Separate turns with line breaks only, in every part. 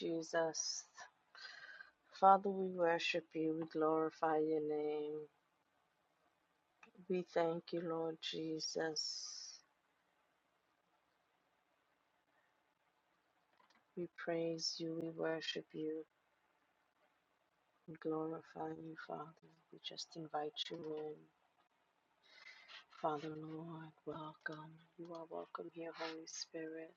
you, Jesus. Father, we worship you. We glorify your name. We thank you, Lord Jesus. We praise you. We worship you. We glorify you, Father. We just invite you in. Father, Lord, welcome. You are welcome here, Holy Spirit.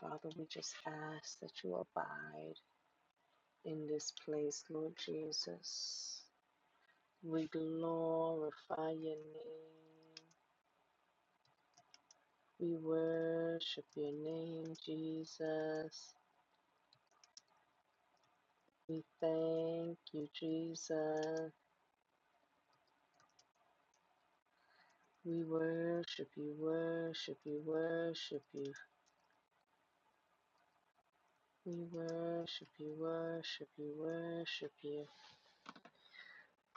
Father, we just ask that you abide in this place, Lord Jesus. We glorify your name. We worship your name, Jesus. We thank you, Jesus. We worship you, worship you, worship you. We worship you, worship you, worship you.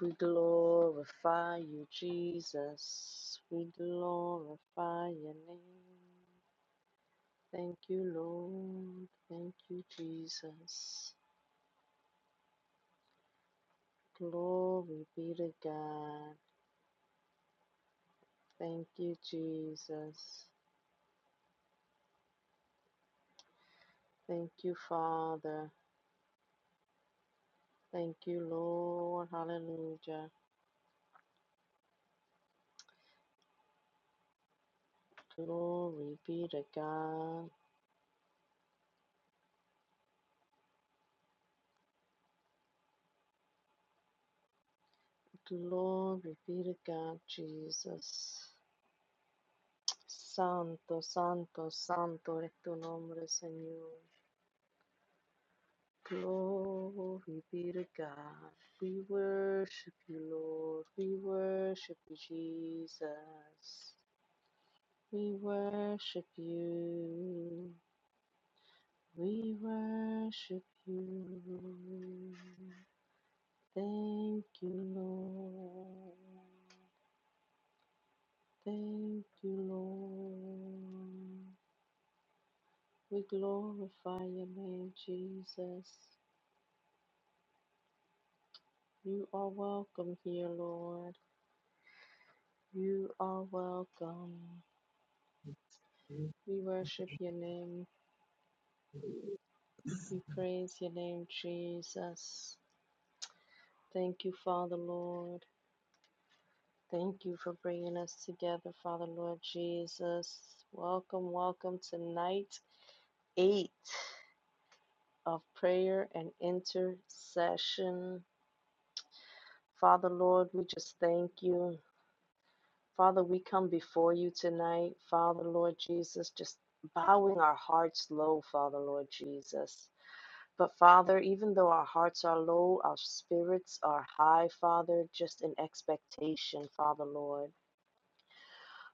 We glorify you, Jesus. We glorify your name. Thank you, Lord. Thank you, Jesus. Glory be to God. Thank you, Jesus. Thank you, Father. Thank you, Lord. Hallelujah. Glory be to God. Glory be to God, Jesus. Santo, santo, santo es tu nombre, Señor. Glory be to God. We worship you, Lord. We worship you, Jesus. We worship you. We worship you. Thank you, Lord. Thank you, Lord. We glorify your name, Jesus. You are welcome here, Lord. You are welcome. We worship your name. We praise your name, Jesus. Thank you, Father, Lord. Thank you for bringing us together, Father, Lord Jesus. Welcome, welcome to night eight of prayer and intercession. Father, Lord, we just thank you. Father, we come before you tonight. Father, Lord Jesus, just bowing our hearts low, Father, Lord Jesus. But Father, even though our hearts are low, our spirits are high, Father, just in expectation, Father, Lord.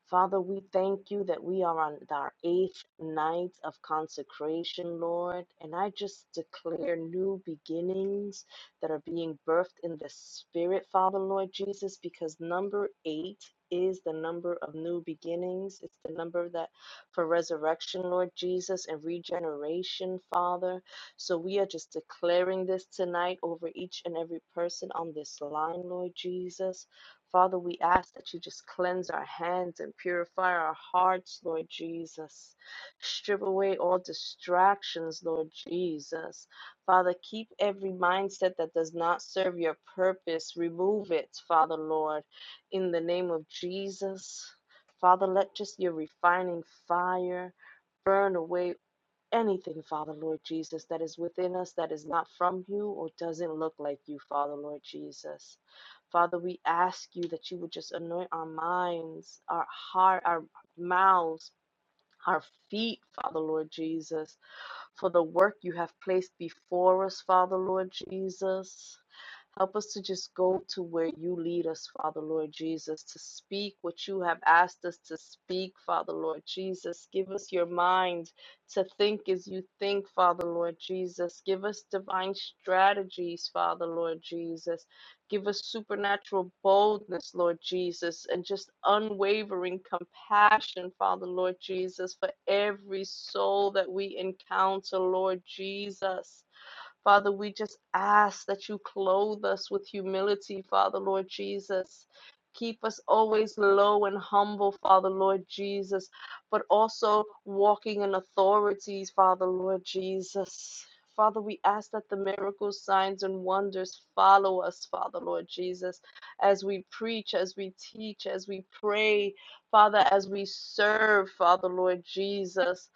Father, we thank you that we are on our eighth night of consecration, Lord. And I just declare new beginnings that are being birthed in the Spirit, Father, Lord Jesus, because number eight is the number of new beginnings. It's the number that for resurrection, Lord Jesus, and regeneration, Father. So we are just declaring this tonight over each and every person on this line, Lord Jesus Father, we ask that you just cleanse our hands and purify our hearts, Lord Jesus. Strip away all distractions, Lord Jesus. Father, keep every mindset that does not serve your purpose. Remove it, Father, Lord, in the name of Jesus. Father, let just your refining fire burn away anything, Father Lord Jesus, that is within us that is not from you or doesn't look like you, Father Lord Jesus. Father, we ask you that you would just anoint our minds, our heart, our mouths, our feet, Father Lord Jesus, for the work you have placed before us, Father Lord Jesus. Help us to just go to where you lead us, Father Lord Jesus, to speak what you have asked us to speak, Father Lord Jesus. Give us your mind to think as you think, Father Lord Jesus. Give us divine strategies, Father Lord Jesus. Give us supernatural boldness, Lord Jesus, and just unwavering compassion, Father Lord Jesus, for every soul that we encounter, Lord Jesus. Father, we just ask that you clothe us with humility, Father, Lord Jesus. Keep us always low and humble, Father, Lord Jesus, but also walking in authorities, Father, Lord Jesus. Father, we ask that the miracles, signs, and wonders follow us, Father, Lord Jesus, as we preach, as we teach, as we pray, Father, as we serve, Father, Lord Jesus.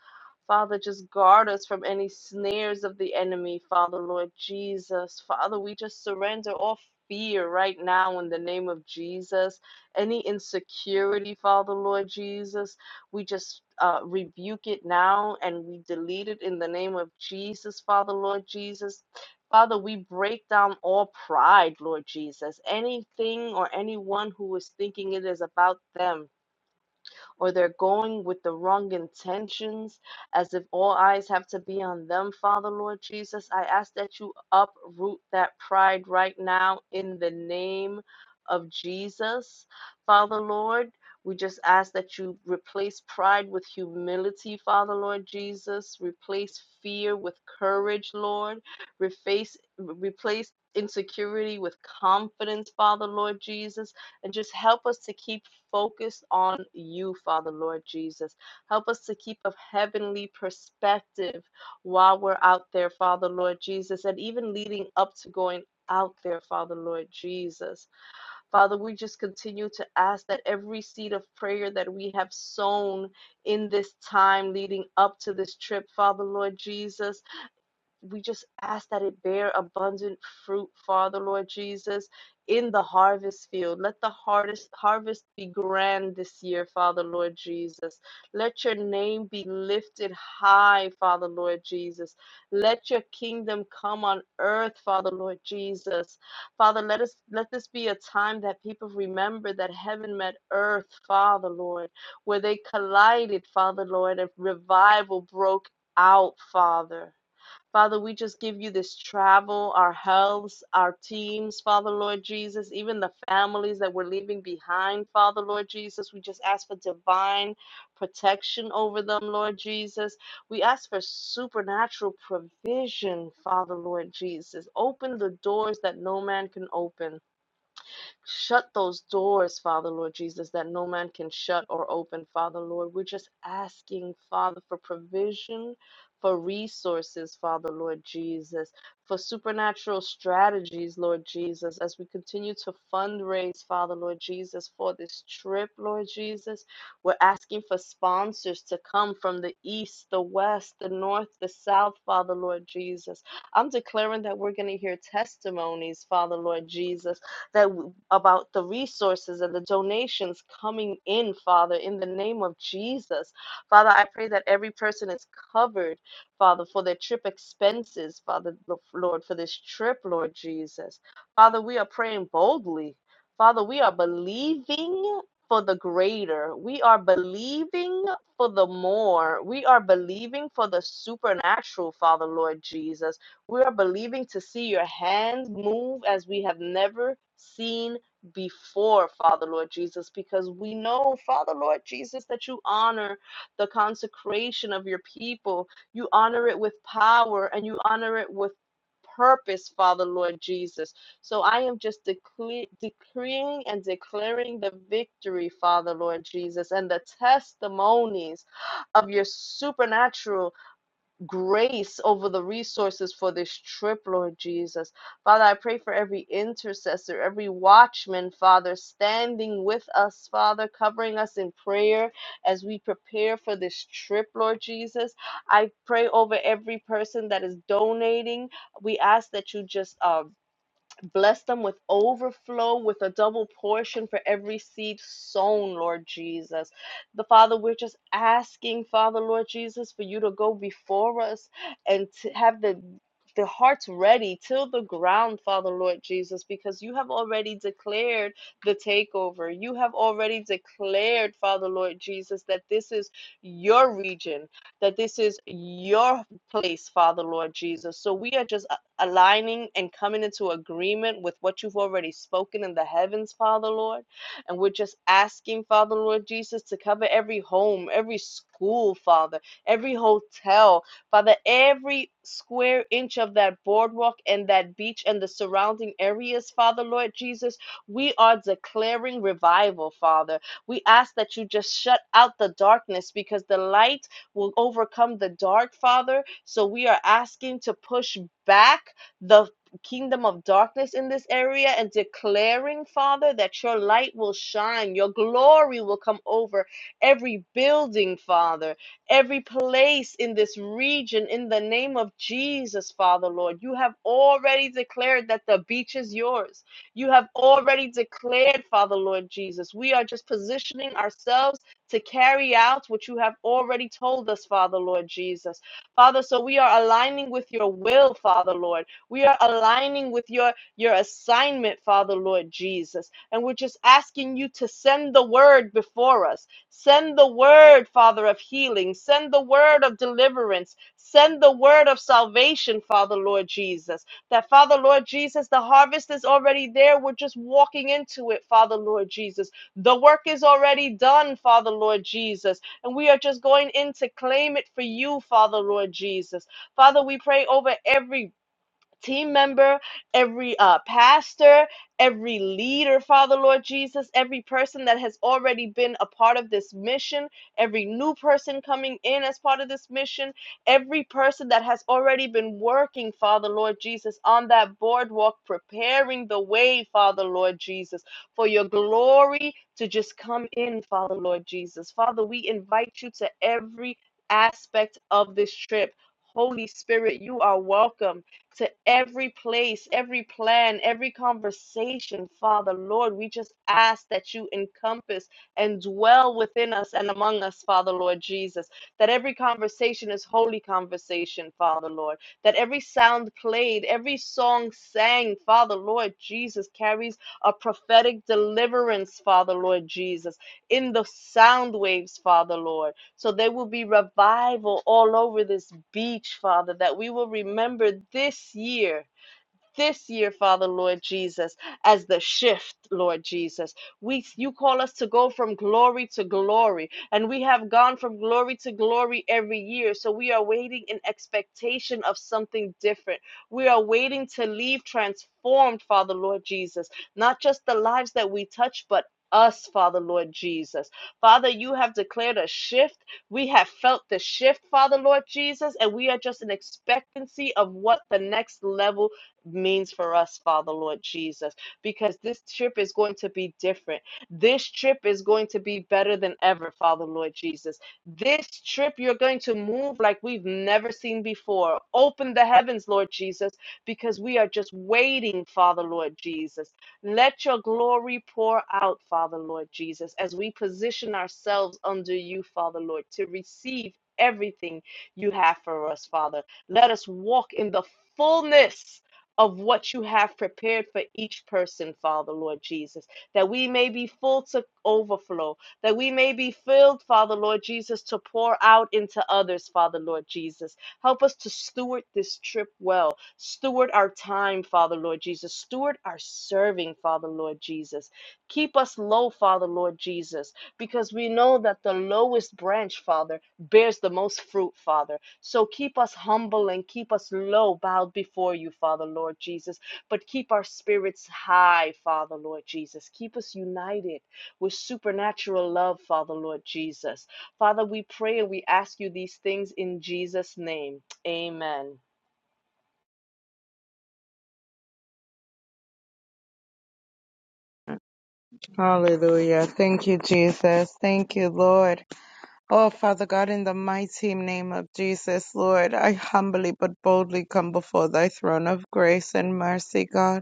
Father, just guard us from any snares of the enemy, Father, Lord Jesus. Father, we just surrender all fear right now in the name of Jesus. Any insecurity, Father, Lord Jesus, we just uh, rebuke it now and we delete it in the name of Jesus, Father, Lord Jesus. Father, we break down all pride, Lord Jesus. Anything or anyone who is thinking it is about them or they're going with the wrong intentions as if all eyes have to be on them, Father Lord Jesus. I ask that you uproot that pride right now in the name of Jesus, Father Lord. We just ask that you replace pride with humility, Father Lord Jesus. Replace fear with courage, Lord. Reface, replace insecurity with confidence, Father Lord Jesus and just help us to keep focused on you, Father Lord Jesus. Help us to keep a heavenly perspective while we're out there, Father Lord Jesus, and even leading up to going out there, Father Lord Jesus. Father, we just continue to ask that every seed of prayer that we have sown in this time leading up to this trip, Father Lord Jesus we just ask that it bear abundant fruit, Father, Lord Jesus, in the harvest field. Let the hardest harvest be grand this year, Father, Lord Jesus. Let your name be lifted high, Father, Lord Jesus. Let your kingdom come on earth, Father, Lord Jesus. Father, let us let this be a time that people remember that heaven met earth, Father, Lord, where they collided, Father, Lord, and revival broke out, Father. Father, we just give you this travel, our healths, our teams, Father Lord Jesus, even the families that we're leaving behind, Father Lord Jesus. We just ask for divine protection over them, Lord Jesus. We ask for supernatural provision, Father Lord Jesus. Open the doors that no man can open. Shut those doors, Father, Lord Jesus, that no man can shut or open, Father, Lord. We're just asking, Father, for provision, for resources, Father, Lord Jesus, for supernatural strategies, Lord Jesus, as we continue to fundraise, Father, Lord Jesus, for this trip, Lord Jesus. We're asking for sponsors to come from the east, the west, the north, the south, Father, Lord Jesus. I'm declaring that we're going to hear testimonies, Father, Lord Jesus that about the resources and the donations coming in, Father, in the name of Jesus. Father, I pray that every person is covered, Father, for their trip expenses, Father, Lord, for this trip, Lord Jesus. Father, we are praying boldly. Father, we are believing for the greater. We are believing for the more. We are believing for the supernatural, Father, Lord Jesus. We are believing to see your hands move as we have never seen before, Father Lord Jesus, because we know, Father Lord Jesus, that you honor the consecration of your people. You honor it with power and you honor it with purpose, Father Lord Jesus. So I am just decle- decreeing and declaring the victory, Father Lord Jesus, and the testimonies of your supernatural grace over the resources for this trip, Lord Jesus. Father, I pray for every intercessor, every watchman, Father, standing with us, Father, covering us in prayer as we prepare for this trip, Lord Jesus. I pray over every person that is donating. We ask that you just uh, Bless them with overflow, with a double portion for every seed sown, Lord Jesus. The Father, we're just asking, Father, Lord Jesus, for you to go before us and to have the the hearts ready till the ground, Father Lord Jesus, because you have already declared the takeover. You have already declared, Father Lord Jesus, that this is your region, that this is your place, Father Lord Jesus. So we are just aligning and coming into agreement with what you've already spoken in the heavens, Father Lord. And we're just asking, Father Lord Jesus, to cover every home, every school, Father, every hotel, Father, every square inch of that boardwalk and that beach and the surrounding areas, Father Lord Jesus. We are declaring revival, Father. We ask that you just shut out the darkness because the light will overcome the dark, Father. So we are asking to push back the kingdom of darkness in this area and declaring, Father, that your light will shine, your glory will come over every building, Father, every place in this region in the name of Jesus, Father, Lord. You have already declared that the beach is yours. You have already declared, Father, Lord Jesus. We are just positioning ourselves to carry out what you have already told us, Father, Lord Jesus. Father, so we are aligning with your will, Father, Lord. We are aligning with your, your assignment, Father, Lord Jesus. And we're just asking you to send the word before us. Send the word, Father, of healing. Send the word of deliverance. Send the word of salvation, Father, Lord Jesus. That, Father, Lord Jesus, the harvest is already there. We're just walking into it, Father, Lord Jesus. The work is already done, Father Lord Jesus, and we are just going in to claim it for you, Father Lord Jesus. Father, we pray over every team member, every uh, pastor, every leader, Father Lord Jesus, every person that has already been a part of this mission, every new person coming in as part of this mission, every person that has already been working, Father Lord Jesus, on that boardwalk, preparing the way, Father Lord Jesus, for your glory to just come in, Father Lord Jesus. Father, we invite you to every aspect of this trip. Holy Spirit, you are welcome to every place, every plan, every conversation, Father, Lord. We just ask that you encompass and dwell within us and among us, Father, Lord Jesus. That every conversation is holy conversation, Father, Lord. That every sound played, every song sang, Father, Lord Jesus, carries a prophetic deliverance, Father, Lord Jesus, in the sound waves, Father, Lord. So there will be revival all over this beach, Father, that we will remember this year this year, Father Lord Jesus, as the shift, Lord Jesus. We you call us to go from glory to glory, and we have gone from glory to glory every year. So we are waiting in expectation of something different. We are waiting to leave transformed, Father Lord Jesus, not just the lives that we touch, but us, Father Lord Jesus. Father, you have declared a shift. We have felt the shift, Father Lord Jesus, and we are just in expectancy of what the next level means for us, Father, Lord Jesus, because this trip is going to be different. This trip is going to be better than ever, Father, Lord Jesus. This trip, you're going to move like we've never seen before. Open the heavens, Lord Jesus, because we are just waiting, Father, Lord Jesus. Let your glory pour out, Father, Lord Jesus, as we position ourselves under you, Father, Lord, to receive everything you have for us, Father. Let us walk in the fullness of what you have prepared for each person, Father, Lord Jesus, that we may be full to overflow, that we may be filled, Father, Lord Jesus, to pour out into others, Father, Lord Jesus. Help us to steward this trip well, steward our time, Father, Lord Jesus, steward our serving, Father, Lord Jesus. Keep us low, Father, Lord Jesus, because we know that the lowest branch, Father, bears the most fruit, Father. So keep us humble and keep us low, bowed before you, Father, Lord Jesus. But keep our spirits high, Father, Lord Jesus. Keep us united with supernatural love, Father, Lord Jesus. Father, we pray and we ask you these things in Jesus' name. Amen.
Hallelujah. Thank you, Jesus. Thank you, Lord. Oh, Father God, in the mighty name of Jesus, Lord, I humbly but boldly come before thy throne of grace and mercy, God.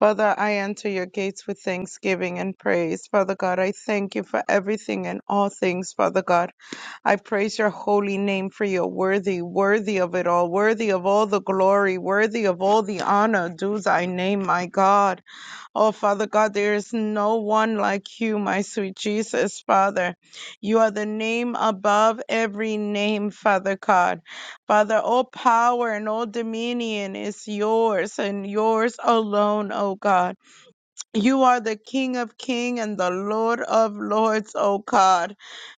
Father, I enter your gates with thanksgiving and praise. Father God, I thank you for everything and all things, Father God. I praise your holy name for your worthy, worthy of it all, worthy of all the glory, worthy of all the honor. Do thy name, my God. Oh, Father God, there is no one like you, my sweet Jesus, Father. You are the name above every name, Father God. Father, all power and all dominion is yours and yours alone, oh God. You are the King of Kings and the Lord of Lords, O God.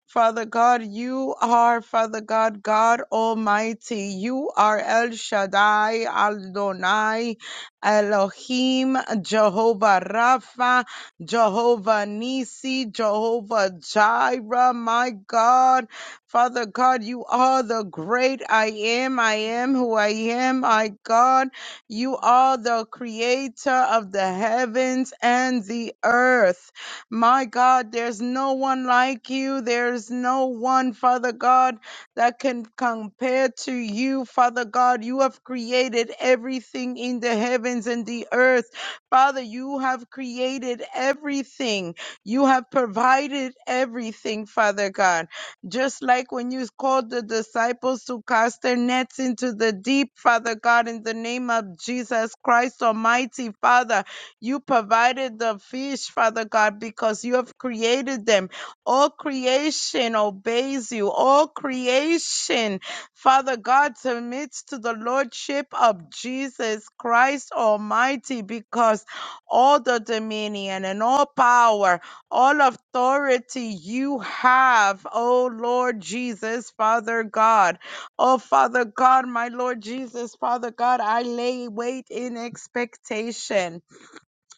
Father God, you are, Father God, God Almighty. You are El Shaddai, Adonai, Elohim, Jehovah Rapha, Jehovah Nisi, Jehovah Jireh, my God. Father God, you are the great I am, I am who I am, my God. You are the creator of the heavens and the earth. My God, there's no one like you. There's no one, Father God, that can compare to you, Father God. You have created everything in the heavens and the earth. Father, you have created everything. You have provided everything, Father God. Just like when you called the disciples to cast their nets into the deep, Father God, in the name of Jesus Christ Almighty, Father, you provided the fish, Father God, because you have created them. All creation obeys you. All creation, Father God, submits to the Lordship of Jesus Christ Almighty because all the dominion and all power all authority you have, oh Lord Jesus, Father God. Oh Father God, my Lord Jesus, Father God, I lay wait in expectation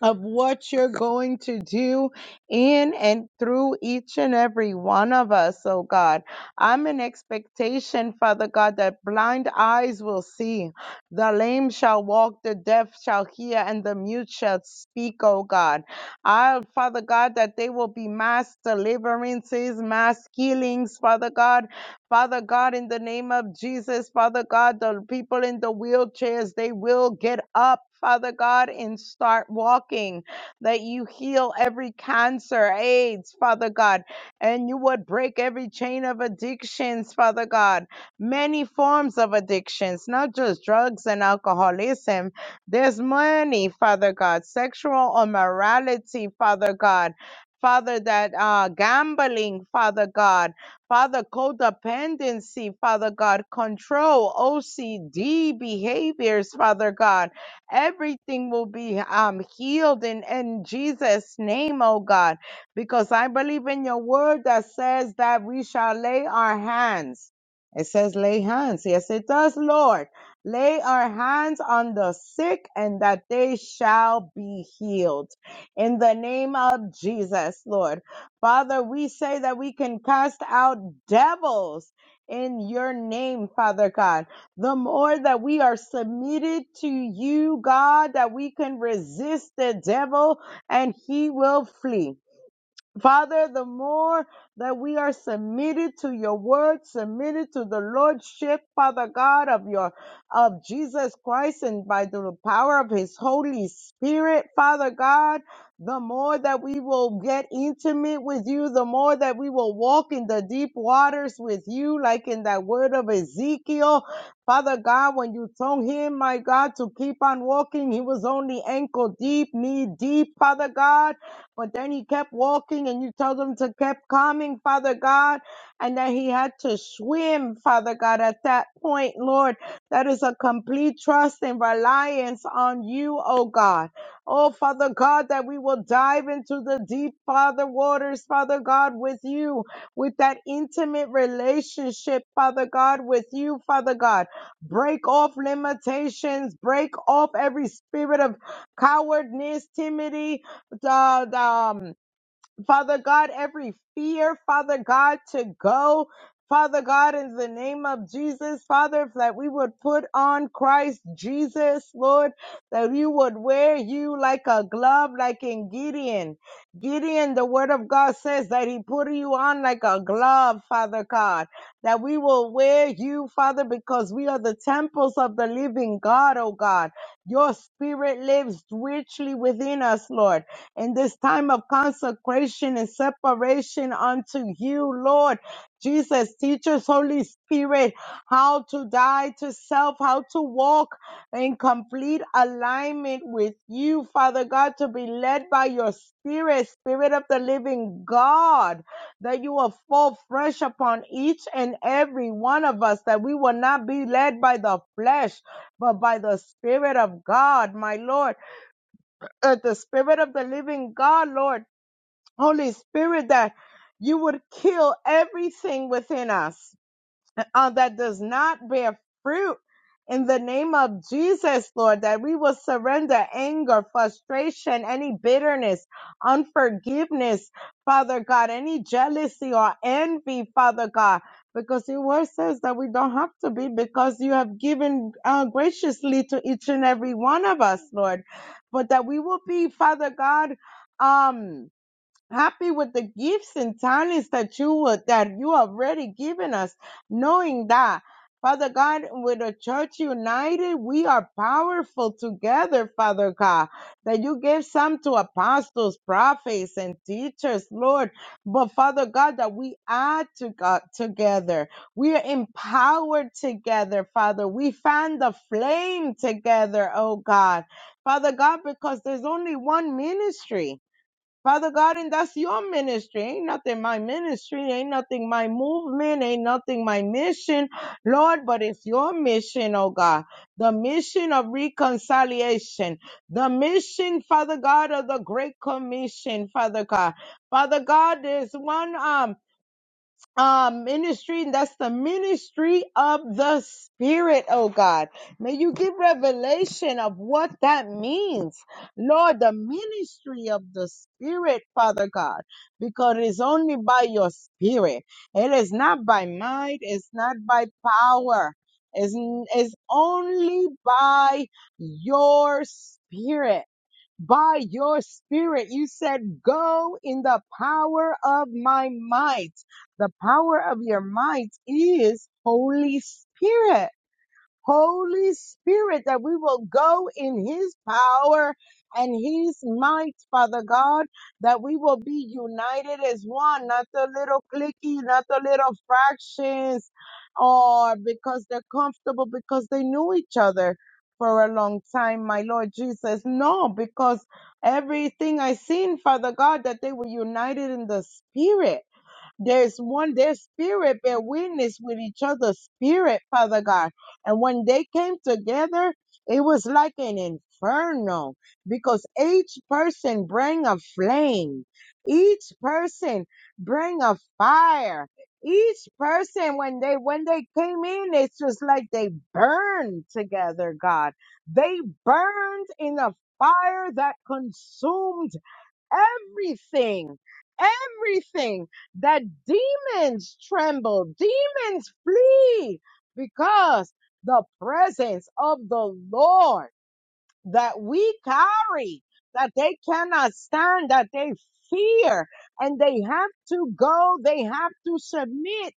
of what you're going to do in and through each and every one of us, oh God. I'm in expectation, Father God, that blind eyes will see, the lame shall walk, the deaf shall hear, and the mute shall speak, oh God. I, Father God, that they will be mass deliverances, mass healings, Father God, Father God, in the name of Jesus, Father God, the people in the wheelchairs, they will get up. Father God, and start walking, that you heal every cancer, AIDS, Father God, and you would break every chain of addictions, Father God, many forms of addictions, not just drugs and alcoholism. There's money, Father God, sexual immorality, Father God, Father, that uh, gambling, Father God. Father, codependency, Father God, control, OCD behaviors, Father God. Everything will be um, healed in, in Jesus' name, oh God, because I believe in your word that says that we shall lay our hands. It says lay hands. Yes, it does, Lord. Lay our hands on the sick and that they shall be healed. In the name of Jesus, Lord. Father, we say that we can cast out devils in your name, Father God. The more that we are submitted to you, God, that we can resist the devil and he will flee. Father, the more that we are submitted to your word, submitted to the lordship, Father God, of your of Jesus Christ and by the power of his Holy Spirit, Father God, the more that we will get intimate with you, the more that we will walk in the deep waters with you, like in that word of Ezekiel. Father God, when you told him, my God, to keep on walking, he was only ankle deep, knee deep, Father God. But then he kept walking and you told him to keep coming, Father God, and that he had to swim, Father God, at that point, Lord. That is a complete trust and reliance on you, oh God. Oh, Father God, that we will dive into the deep, Father, waters, Father God, with you, with that intimate relationship, Father God, with you, Father God. Break off limitations, break off every spirit of cowardness, timidity, uh, um, Father God, every fear, Father God, to go. Father God, in the name of Jesus, Father, that we would put on Christ Jesus, Lord, that you would wear you like a glove, like in Gideon. Gideon, the word of God says that he put you on like a glove, Father God, that we will wear you, Father, because we are the temples of the living God, oh God. Your spirit lives richly within us, Lord. In this time of consecration and separation unto you, Lord. Jesus, teach us, Holy Spirit, how to die to self, how to walk in complete alignment with you, Father God, to be led by your Spirit, Spirit of the living God, that you will fall fresh upon each and every one of us, that we will not be led by the flesh, but by the Spirit of God, my Lord, uh, the Spirit of the living God, Lord, Holy Spirit, that you would kill everything within us uh, that does not bear fruit in the name of Jesus, Lord, that we will surrender anger, frustration, any bitterness, unforgiveness, Father God, any jealousy or envy, Father God, because your word says that we don't have to be because you have given uh, graciously to each and every one of us, Lord, but that we will be, Father God, um, happy with the gifts and talents that you would, that you already given us, knowing that Father God, with the church united, we are powerful together, Father God. That you gave some to apostles, prophets, and teachers, Lord. But Father God, that we add to God together. We are empowered together, Father. We find the flame together, oh God. Father God, because there's only one ministry. Father God, and that's your ministry. Ain't nothing my ministry, ain't nothing my movement, ain't nothing my mission, Lord, but it's your mission, oh God. The mission of reconciliation, the mission, Father God, of the Great Commission, Father God. Father God, there's one um uh, ministry, and that's the ministry of the Spirit, oh God. May you give revelation of what that means, Lord, the ministry of the Spirit, Father God, because it is only by your Spirit. It is not by might, it's not by power, it's, it's only by your Spirit by your spirit. You said, go in the power of my might. The power of your might is Holy Spirit. Holy Spirit, that we will go in His power and His might, Father God, that we will be united as one, not the little clicky, not the little fractions, or because they're comfortable, because they knew each other for a long time, my Lord Jesus. No, because everything I seen, Father God, that they were united in the Spirit there's one, their spirit bear witness with each other's spirit, Father God. And when they came together, it was like an inferno because each person bring a flame, each person bring a fire. Each person, when they when they came in, it's just like they burned together, God. They burned in a fire that consumed everything, everything that demons tremble, demons flee because the presence of the Lord that we carry that they cannot stand, that they fear, and they have to go, they have to submit,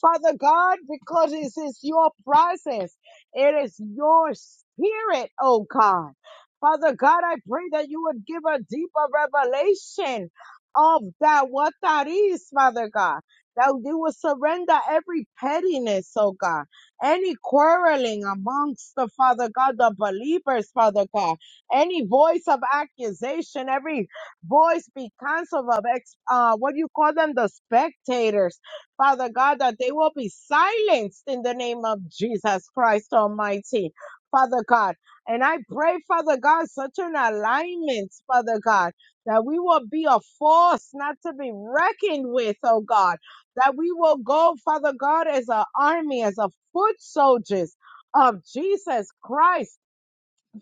Father God, because it is your process, it is your spirit, oh God. Father God, I pray that you would give a deeper revelation of that, what that is, Father God, that you would surrender every pettiness, oh God any quarreling amongst the Father God, the believers, Father God, any voice of accusation, every voice be canceled of ex, uh, what do you call them, the spectators, Father God, that they will be silenced in the name of Jesus Christ Almighty, Father God. And I pray, Father God, such an alignment, Father God, that we will be a force not to be reckoned with, oh God that we will go, Father God, as an army, as a foot soldiers of Jesus Christ.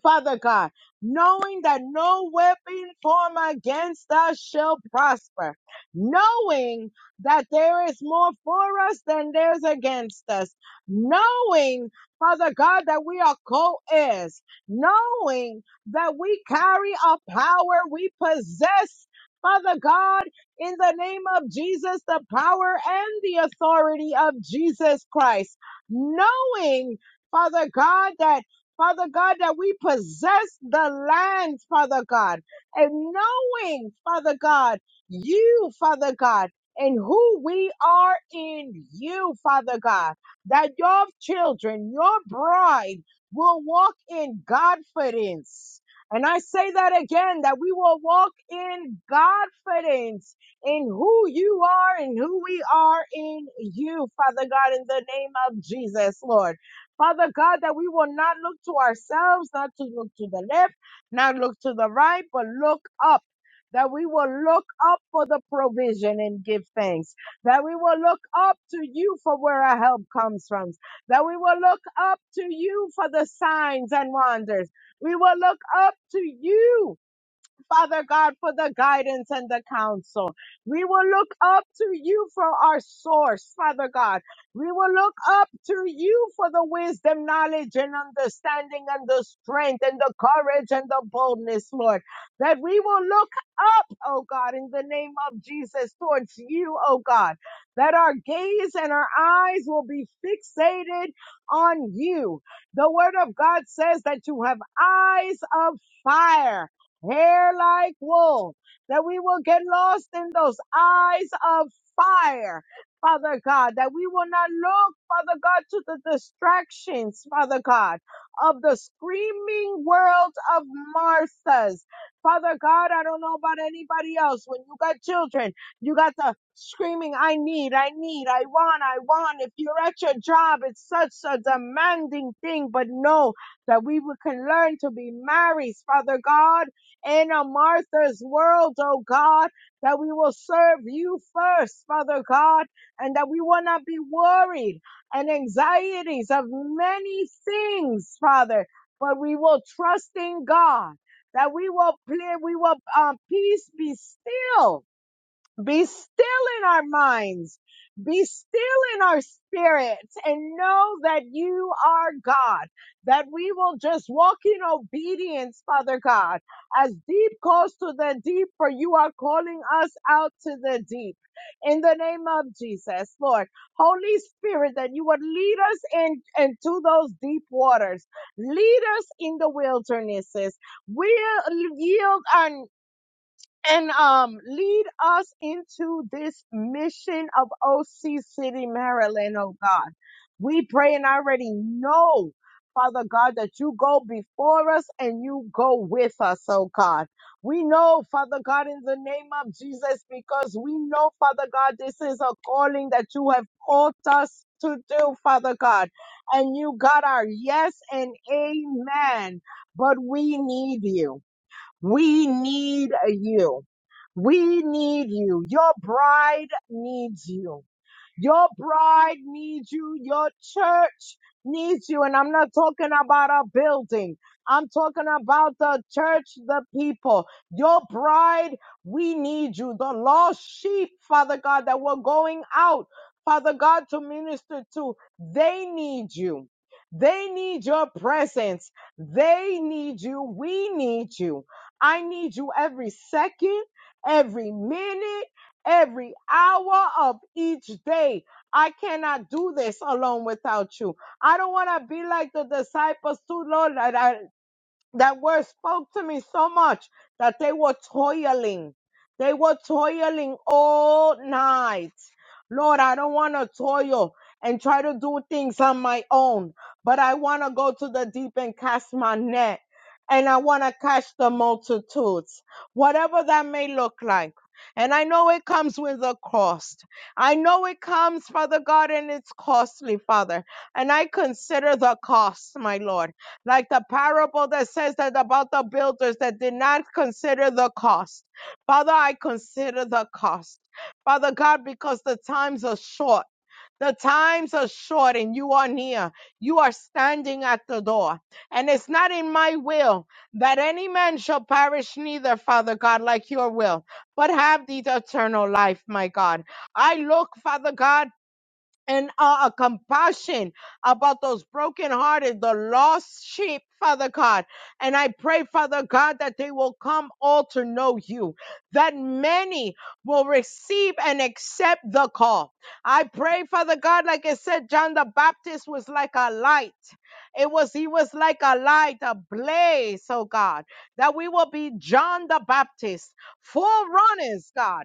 Father God, knowing that no weapon formed against us shall prosper, knowing that there is more for us than there's against us, knowing, Father God, that we are co-heirs, knowing that we carry a power we possess. Father God, in the name of Jesus, the power and the authority of Jesus Christ, knowing, Father God, that Father God, that we possess the land, Father God, and knowing, Father God, you, Father God, and who we are in you, Father God, that your children, your bride, will walk in confidence. And I say that again, that we will walk in confidence in who you are and who we are in you, Father God, in the name of Jesus, Lord. Father God, that we will not look to ourselves, not to look to the left, not look to the right, but look up. That we will look up for the provision and give thanks. That we will look up to you for where our help comes from. That we will look up to you for the signs and wonders. We will look up to you Father God, for the guidance and the counsel. We will look up to you for our source, Father God. We will look up to you for the wisdom, knowledge, and understanding, and the strength, and the courage, and the boldness, Lord. That we will look up, oh God, in the name of Jesus towards you, oh God. That our gaze and our eyes will be fixated on you. The word of God says that you have eyes of fire hair like wool, that we will get lost in those eyes of fire, Father God, that we will not look, Father God, to the distractions, Father God, of the screaming world of Martha's. Father God, I don't know about anybody else. When you got children, you got the screaming, I need, I need, I want, I want. If you're at your job, it's such a demanding thing, but know that we can learn to be married, Father God in a Martha's world, oh God, that we will serve you first, Father God, and that we will not be worried and anxieties of many things, Father, but we will trust in God that we will play, we will um, peace be still be still in our minds. Be still in our spirits and know that you are God, that we will just walk in obedience, Father God, as deep calls to the deep, for you are calling us out to the deep. In the name of Jesus, Lord, Holy Spirit, that you would lead us in, into those deep waters. Lead us in the wildernesses. We yield our and um, lead us into this mission of OC City, Maryland, oh God. We pray and I already know, Father God, that you go before us and you go with us, oh God. We know, Father God, in the name of Jesus, because we know, Father God, this is a calling that you have called us to do, Father God. And you got our yes and amen, but we need you. We need you. We need you. Your bride needs you. Your bride needs you. Your church needs you. And I'm not talking about a building. I'm talking about the church, the people. Your bride, we need you. The lost sheep, Father God, that we're going out, Father God, to minister to, they need you. They need your presence. They need you. We need you. I need you every second, every minute every hour of each day. I cannot do this alone without you. I don't want to be like the disciples too, Lord. that I, that word spoke to me so much that they were toiling. They were toiling all night. Lord, I don't want to toil and try to do things on my own, but I want to go to the deep and cast my net. And I want to catch the multitudes, whatever that may look like. And I know it comes with a cost. I know it comes, Father God, and it's costly, Father. And I consider the cost, my Lord like the parable that says that about the builders that did not consider the cost. Father, I consider the cost. Father God, because the times are short. The times are short and you are near. You are standing at the door. And it's not in my will that any man shall perish, neither, Father God, like your will, but have the eternal life, my God. I look, Father God, and uh, a compassion about those brokenhearted, the lost sheep, Father God. And I pray, Father God, that they will come all to know you, that many will receive and accept the call. I pray, Father God, like I said, John the Baptist was like a light. It was, he was like a light, a blaze, oh God, that we will be John the Baptist, forerunners, God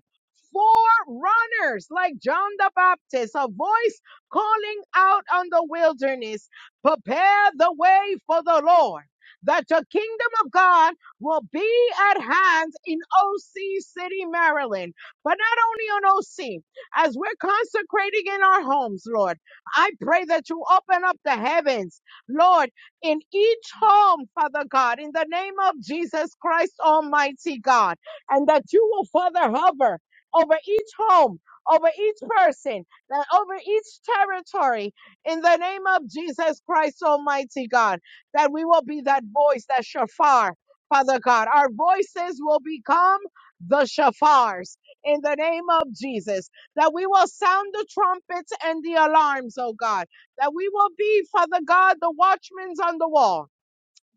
forerunners like John the Baptist, a voice calling out on the wilderness, prepare the way for the Lord, that the kingdom of God will be at hand in OC City, Maryland. But not only on OC, as we're consecrating in our homes, Lord, I pray that you open up the heavens, Lord, in each home, Father God, in the name of Jesus Christ, Almighty God, and that you will, Father, hover over each home, over each person, and over each territory in the name of Jesus Christ, Almighty God, that we will be that voice, that shofar, Father God. Our voices will become the shofars in the name of Jesus, that we will sound the trumpets and the alarms, oh God, that we will be, Father God, the watchmen on the wall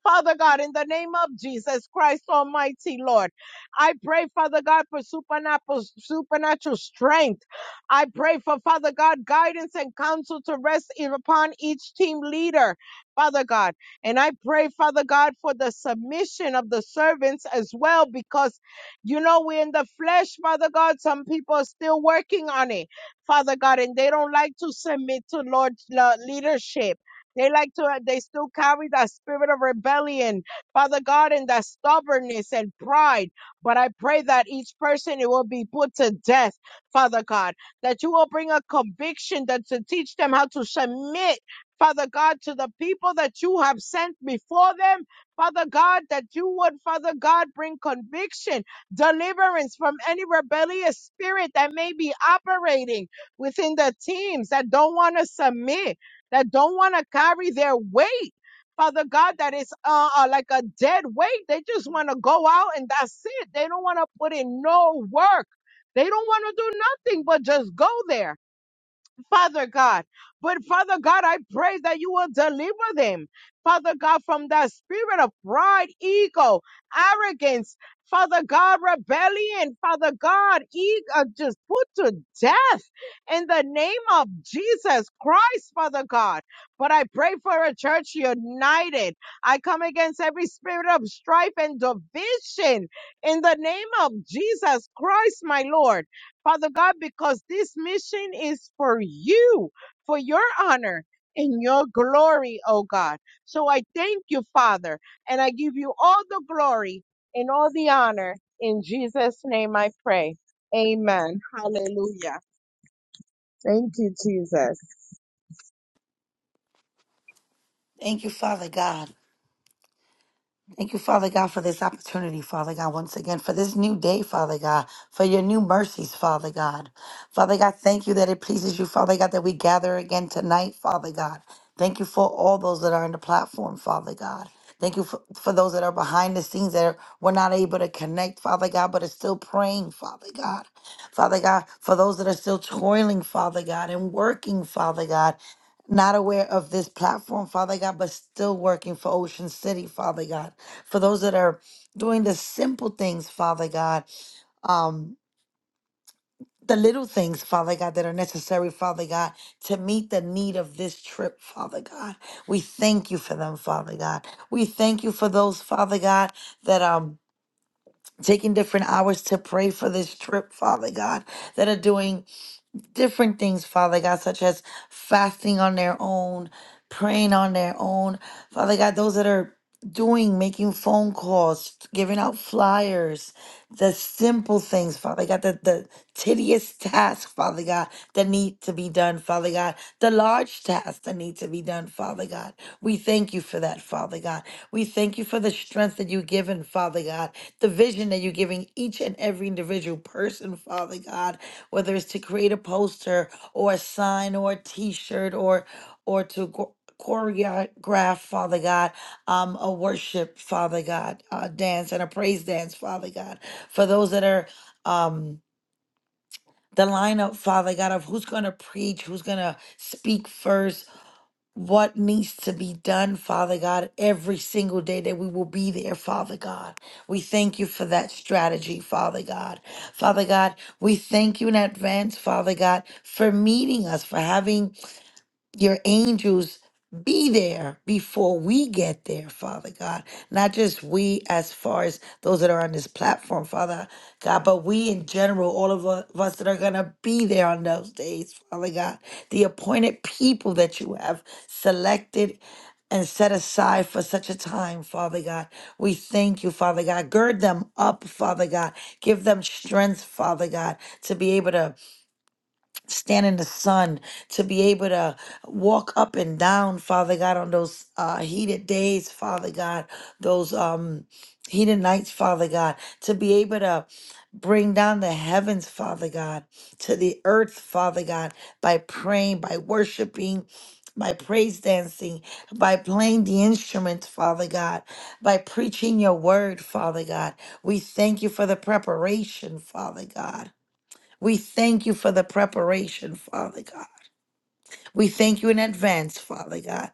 Father God, in the name of Jesus Christ Almighty, Lord, I pray, Father God, for supernatural, supernatural strength. I pray for, Father God, guidance and counsel to rest in- upon each team leader, Father God. And I pray, Father God, for the submission of the servants as well, because, you know, we're in the flesh, Father God. Some people are still working on it, Father God, and they don't like to submit to Lord's uh, leadership. They like to, they still carry that spirit of rebellion, Father God, and that stubbornness and pride. But I pray that each person, it will be put to death, Father God, that you will bring a conviction that to teach them how to submit, Father God, to the people that you have sent before them. Father God, that you would, Father God, bring conviction, deliverance from any rebellious spirit that may be operating within the teams that don't want to submit that don't want to carry their weight. Father God, that is uh, uh, like a dead weight. They just want to go out and that's it. They don't want to put in no work. They don't want to do nothing but just go there. Father God. But Father God, I pray that you will deliver them, Father God, from that spirit of pride, ego, arrogance, Father God, rebellion, Father God, e- uh, just put to death in the name of Jesus Christ, Father God. But I pray for a church united. I come against every spirit of strife and division in the name of Jesus Christ, my Lord. Father God, because this mission is for you, for your honor and your glory, oh God. So I thank you, Father, and I give you all the glory and all the honor. In Jesus' name I pray. Amen. Hallelujah. Thank you, Jesus.
Thank you, Father God. Thank you, Father God, for this opportunity, Father God, once again, for this new day, Father God, for your new mercies, Father God. Father God, thank you that it pleases you, Father God, that we gather again tonight, Father God. Thank you for all those that are on the platform, Father God. Thank you for, for those that are behind the scenes that are, we're not able to connect, Father God, but are still praying, Father God. Father God, for those that are still toiling, Father God, and working, Father God, not aware of this platform, Father God, but still working for Ocean City, Father God for those that are doing the simple things, Father God, um, the little things, Father God, that are necessary, Father God, to meet the need of this trip, Father God. We thank you for them, Father God. We thank you for those, Father God, that um taking different hours to pray for this trip, Father God, that are doing different things, Father God, such as fasting on their own, praying on their own. Father God, those that are doing, making phone calls, giving out flyers, the simple things, Father God, the, the tedious task, Father God, that need to be done, Father God, the large tasks that need to be done, Father God. We thank you for that, Father God. We thank you for the strength that you've given, Father God, the vision that you're giving each and every individual person, Father God, whether it's to create a poster or a sign or a t-shirt or or to go- choreograph, Father God, um, a worship, Father God, a dance and a praise dance, Father God for those that are um the lineup father god of who's going to preach who's going to speak first what needs to be done father god every single day that we will be there father god we thank you for that strategy father god father god we thank you in advance father god for meeting us for having your angels be there before we get there, Father God. Not just we, as far as those that are on this platform, Father God, but we in general, all of u- of us that are going to be there on those days, Father God. The appointed people that you have selected and set aside for such a time, Father God. We thank you, Father God. Gird them up, Father God. Give them strength, Father God, to be able to stand in the sun, to be able to walk up and down, Father God, on those uh, heated days, Father God, those um, heated nights, Father God, to be able to bring down the heavens, Father God, to the earth, Father God, by praying, by worshiping. By praise dancing, by playing the instruments, Father God, by preaching your word, Father God. We thank you for the preparation, Father God. We thank you for the preparation, Father God. We thank you in advance, Father God.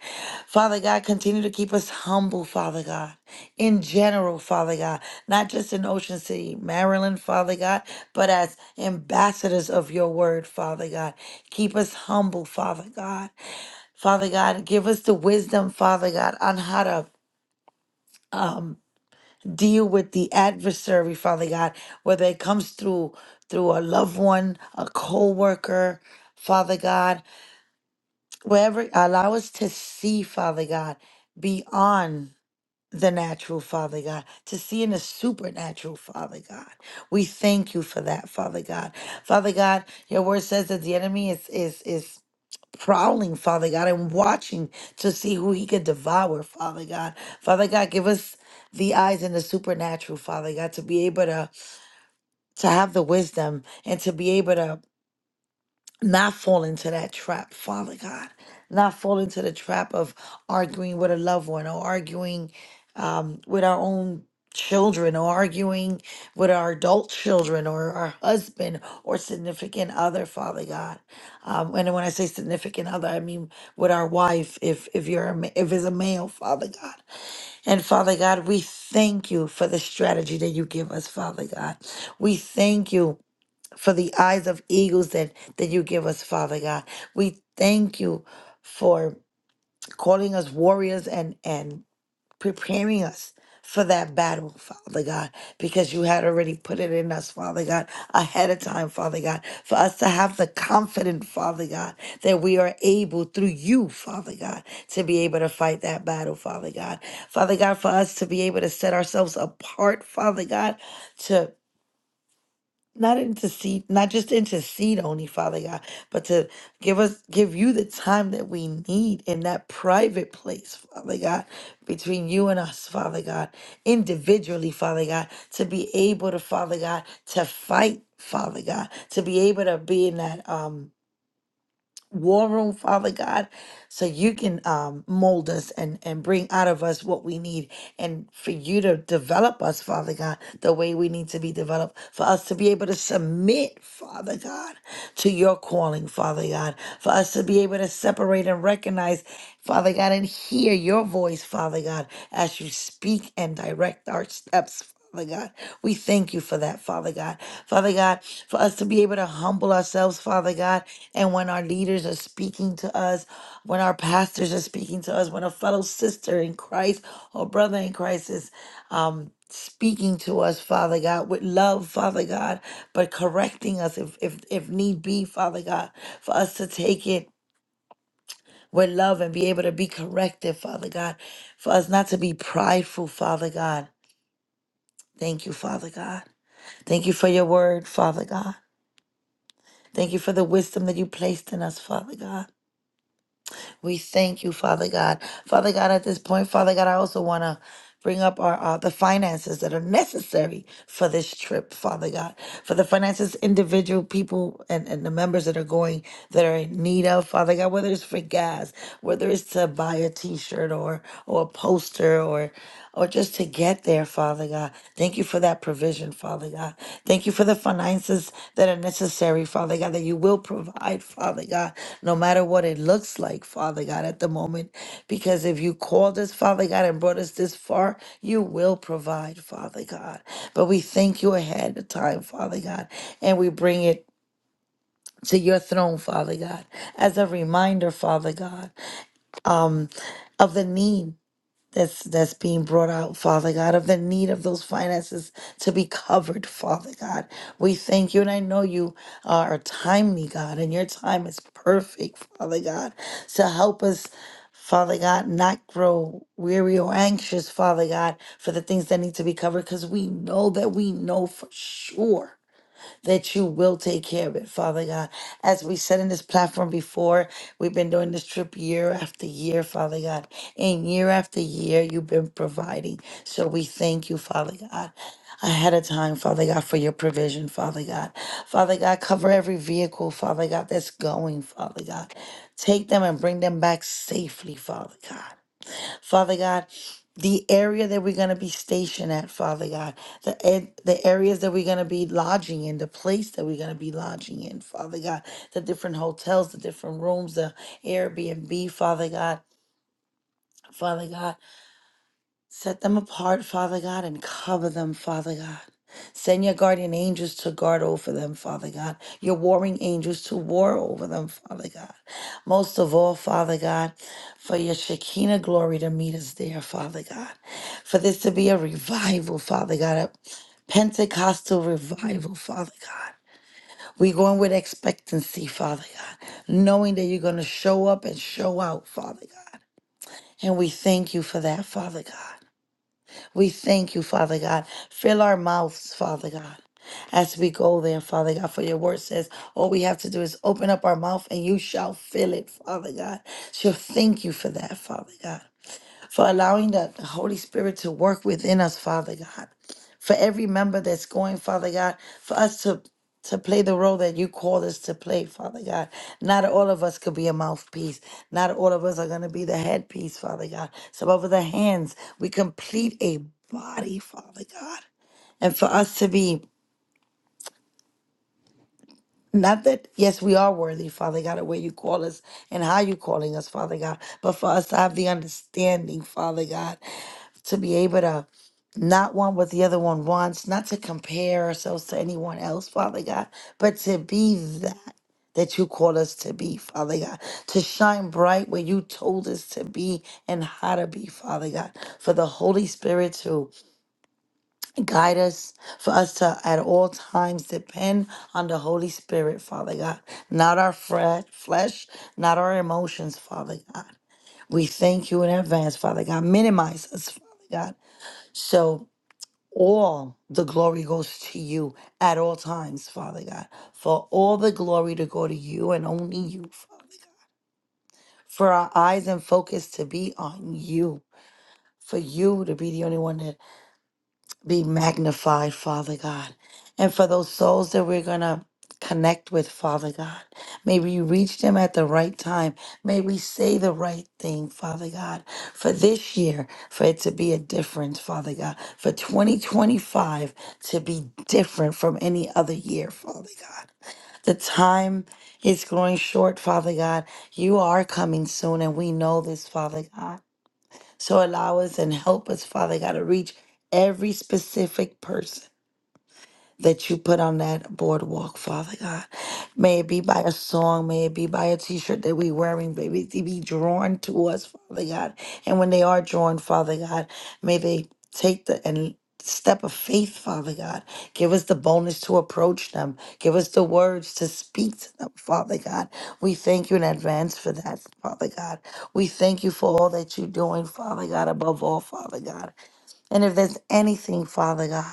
Father God, continue to keep us humble, Father God, in general, Father God, not just in Ocean City, Maryland, Father God, but as ambassadors of your word, Father God. Keep us humble, Father God. Father God, give us the wisdom, Father God, on how to. um deal with the adversary, Father God, whether it comes through through a loved one, a co-worker, Father God, wherever allow us to see, Father God, beyond the natural, Father God, to see in the supernatural, Father God. We thank you for that, Father God. Father God, your word says that the enemy is is is prowling, Father God, and watching to see who he could devour, Father God. Father God, give us the eyes and the supernatural, Father God, to be able to to have the wisdom and to be able to not fall into that trap, Father God, not fall into the trap of arguing with a loved one or arguing um, with our own children or arguing with our adult children or our husband or significant other, Father God. Um, and when I say significant other, I mean with our wife, if if you're a, ma- if it's a male, Father God. And Father God, we thank you for the strategy that you give us, Father God. We thank you for the eyes of eagles that, that you give us, Father God. We thank you for calling us warriors and, and preparing us for that battle, Father God, because you had already put it in us, Father God, ahead of time, Father God, for us to have the confidence, Father God, that we are able through you, Father God, to be able to fight that battle, Father God. Father God, for us to be able to set ourselves apart, Father God, to not intercede, not just intercede only, Father God, but to give us, give you the time that we need in that private place, Father God, between you and us, Father God, individually, Father God, to be able to, Father God, to fight, Father God, to be able to be in that, um, war room, Father God, so you can um, mold us and, and bring out of us what we need and for you to develop us, Father God, the way we need to be developed, for us to be able to submit, Father God, to your calling, Father God, for us to be able to separate and recognize, Father God, and hear your voice, Father God, as you speak and direct our steps, Father God. We thank you for that, Father God. Father God, for us to be able to humble ourselves, Father God, and when our leaders are speaking to us, when our pastors are speaking to us, when a fellow sister in Christ or brother in Christ is um, speaking to us, Father God, with love, Father God, but correcting us if, if, if need be, Father God, for us to take it with love and be able to be corrected, Father God, for us not to be prideful, Father God. Thank you, Father God. Thank you for your word, Father God. Thank you for the wisdom that you placed in us, Father God. We thank you, Father God. Father God, at this point, Father God, I also want to bring up our uh, the finances that are necessary for this trip father god for the finances individual people and, and the members that are going that are in need of father god whether it's for gas whether it's to buy a t-shirt or or a poster or or just to get there father god thank you for that provision father god thank you for the finances that are necessary father god that you will provide father god no matter what it looks like father god at the moment because if you called us father god and brought us this far you will provide father god but we thank you ahead of time father god and we bring it to your throne, Father God, as a reminder, Father God. um, of the need that's that's being brought out, Father God, of the need of those finances to be covered, Father God. We thank you, and I know you are timely, God, and your time is perfect, Father God. So help us, Father God, not grow weary or anxious, Father God, for the things that need to be covered, because we know that we know for sure that you will take care of it, Father God. As we said in this platform before, we've been doing this trip year after year, Father God. And year after year, you've been providing. So we thank you, Father God. Ahead of time, Father God, for your provision, Father God. Father God, cover every vehicle, Father God, that's going, Father God. Take them and bring them back safely, Father God. Father God, the area that we're going to be stationed at, Father God, the ed- the areas that we're going to be lodging in, the place that we're going to be lodging in, Father God, the different hotels, the different rooms, the Airbnb, Father God. Father God, Set them apart, Father God, and cover them, Father God. Send your guardian angels to guard over them, Father God. Your warring angels to war over them, Father God. Most of all, Father God, for your Shekinah glory to meet us there, Father God. For this to be a revival, Father God, a Pentecostal revival, Father God. We going with expectancy, Father God, knowing that you're going to show up and show out, Father God. And we thank you for that, Father God. We thank you, Father God. Fill our mouths, Father God. As we go there, Father God, for your word says all we have to do is open up our mouth and you shall fill it, Father God. So thank you for that, Father God for allowing the, the Holy Spirit to work within us, Father God. For every member that's going, Father God, for us to to play the role that you called us to play, Father God. Not all of us could be a mouthpiece. Not all of us are going to be the headpiece, Father God. Some of the hands, we complete a body, Father God. And for us to be not that yes we are worthy father god of where you call us and how you calling us father god but for us to have the understanding father god to be able to not want what the other one wants, not to compare ourselves to anyone else, Father God, but to be that that you call us to be, Father God, to shine bright where you told us to be and how to be, Father God, for the Holy Spirit to guide us, for us to at all times depend on the Holy Spirit, Father God, not our fre- flesh, not our emotions, Father God. We thank you in advance, Father God. Minimize us, Father God. So, all the glory goes to you at all times, Father God. For all the glory to go to you and only you, Father. For our eyes and focus to be on you. For you to be the only one that be magnified, Father God. And for those souls that we're going to connect with, Father God, may we reach them at the right time. May we say the right thing, Father God, for this year, for it to be a difference, Father God, for 2025 to be different from any other year, Father God. The time is growing short, Father God. You are coming soon, and we know this, Father God. So allow us and help us, Father God, to reach every specific person that you put on that boardwalk, Father God. May it be by a song, may it be by a t shirt that we're wearing, may it be drawn to us, Father God. And when they are drawn, Father God, may they take the and step of faith, Father God. Give us the boldness to approach them. Give us the words to speak to them, Father God. We thank you in advance for that, Father God. We thank you for all that you're doing, Father God, above all, Father God. And if there's anything, Father God,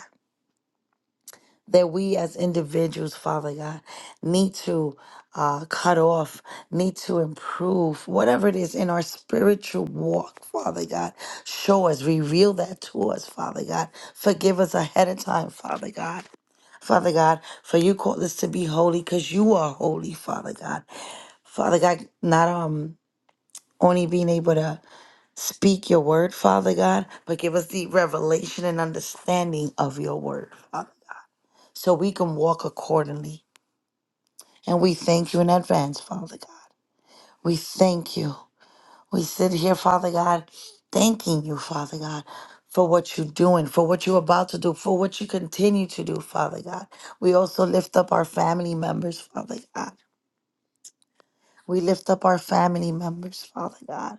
that we as individuals, Father God, need to uh, cut off, need to improve, whatever it is in our spiritual walk, Father God. Show us, reveal that to us, Father God. Forgive us ahead of time, Father God. Father God, for you called us to be holy because you are holy, Father God. Father God, not um only being able to speak your word, Father God, but give us the revelation and understanding of your word, Father so we can walk accordingly. And we thank you in advance, Father God. We thank you. We sit here, Father God, thanking you, Father God, for what you're doing, for what you're about to do, for what you continue to do, Father God. We also lift up our family members, Father God. We lift up our family members, Father God.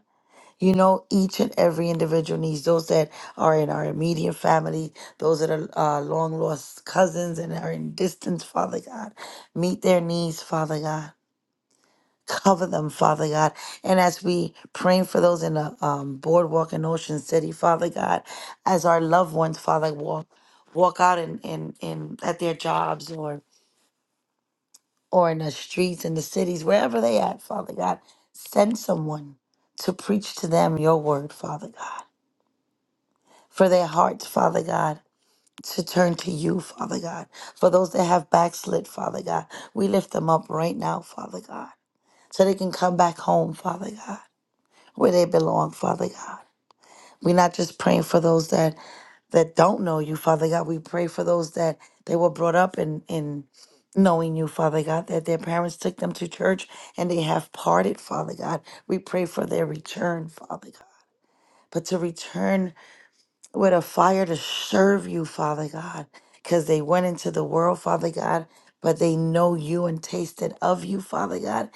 You know, each and every individual needs those that are in our immediate family, those that are uh, long lost cousins and are in distance, Father God. Meet their needs, Father God. Cover them, Father God. And as we praying for those in the um, boardwalk in Ocean City, Father God, as our loved ones, Father, walk walk out in, in, in at their jobs or or in the streets, in the cities, wherever they at, Father God, send someone to preach to them your word, Father God for their hearts, Father God, to turn to you, Father God. For those that have backslid, Father God, we lift them up right now, Father God, so they can come back home, Father God, where they belong, Father God. We're not just praying for those that that don't know you, Father God. We pray for those that they were brought up in in knowing you, Father God, that their parents took them to church and they have parted, Father God. We pray for their return, Father God. But to return with a fire to serve you, Father God, because they went into the world, Father God, but they know you and tasted of you, Father God,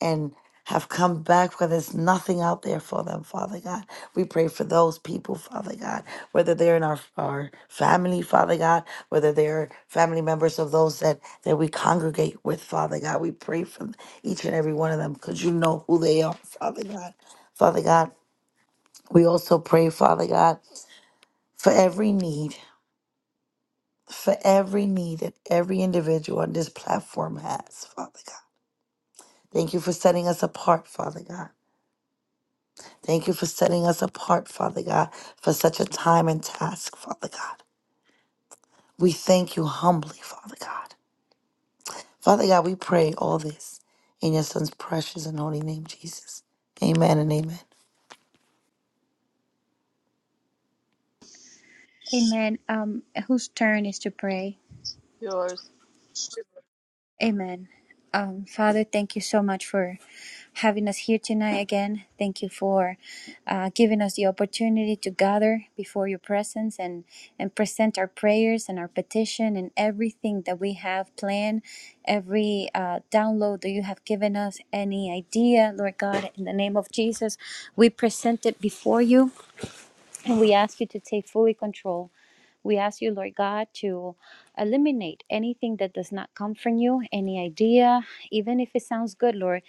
and have come back where there's nothing out there for them, Father God. We pray for those people, Father God, whether they're in our, our family, Father God, whether they're family members of those that, that we congregate with, Father God. We pray for each and every one of them because you know who they are, Father God. Father God, we also pray, Father God, for every need for every need that every individual on this platform has, Father God. Thank you for setting us apart, Father God. Thank you for setting us apart, Father God, for such a time and task, Father God. We thank you humbly, Father God. Father God, we pray all this in your son's precious and holy name, Jesus. Amen and amen.
Amen. Um, whose turn is to pray?
Yours.
Amen. Um, Father, thank you so much for having us here tonight again. Thank you for uh, giving us the opportunity to gather before your presence and, and present our prayers and our petition and everything that we have planned, every uh, download that you have given us, any idea, Lord God, in the name of Jesus, we present it before you and we ask you to take fully control. We ask you, Lord God, to eliminate anything that does not come from you, any idea, even if it sounds good, Lord.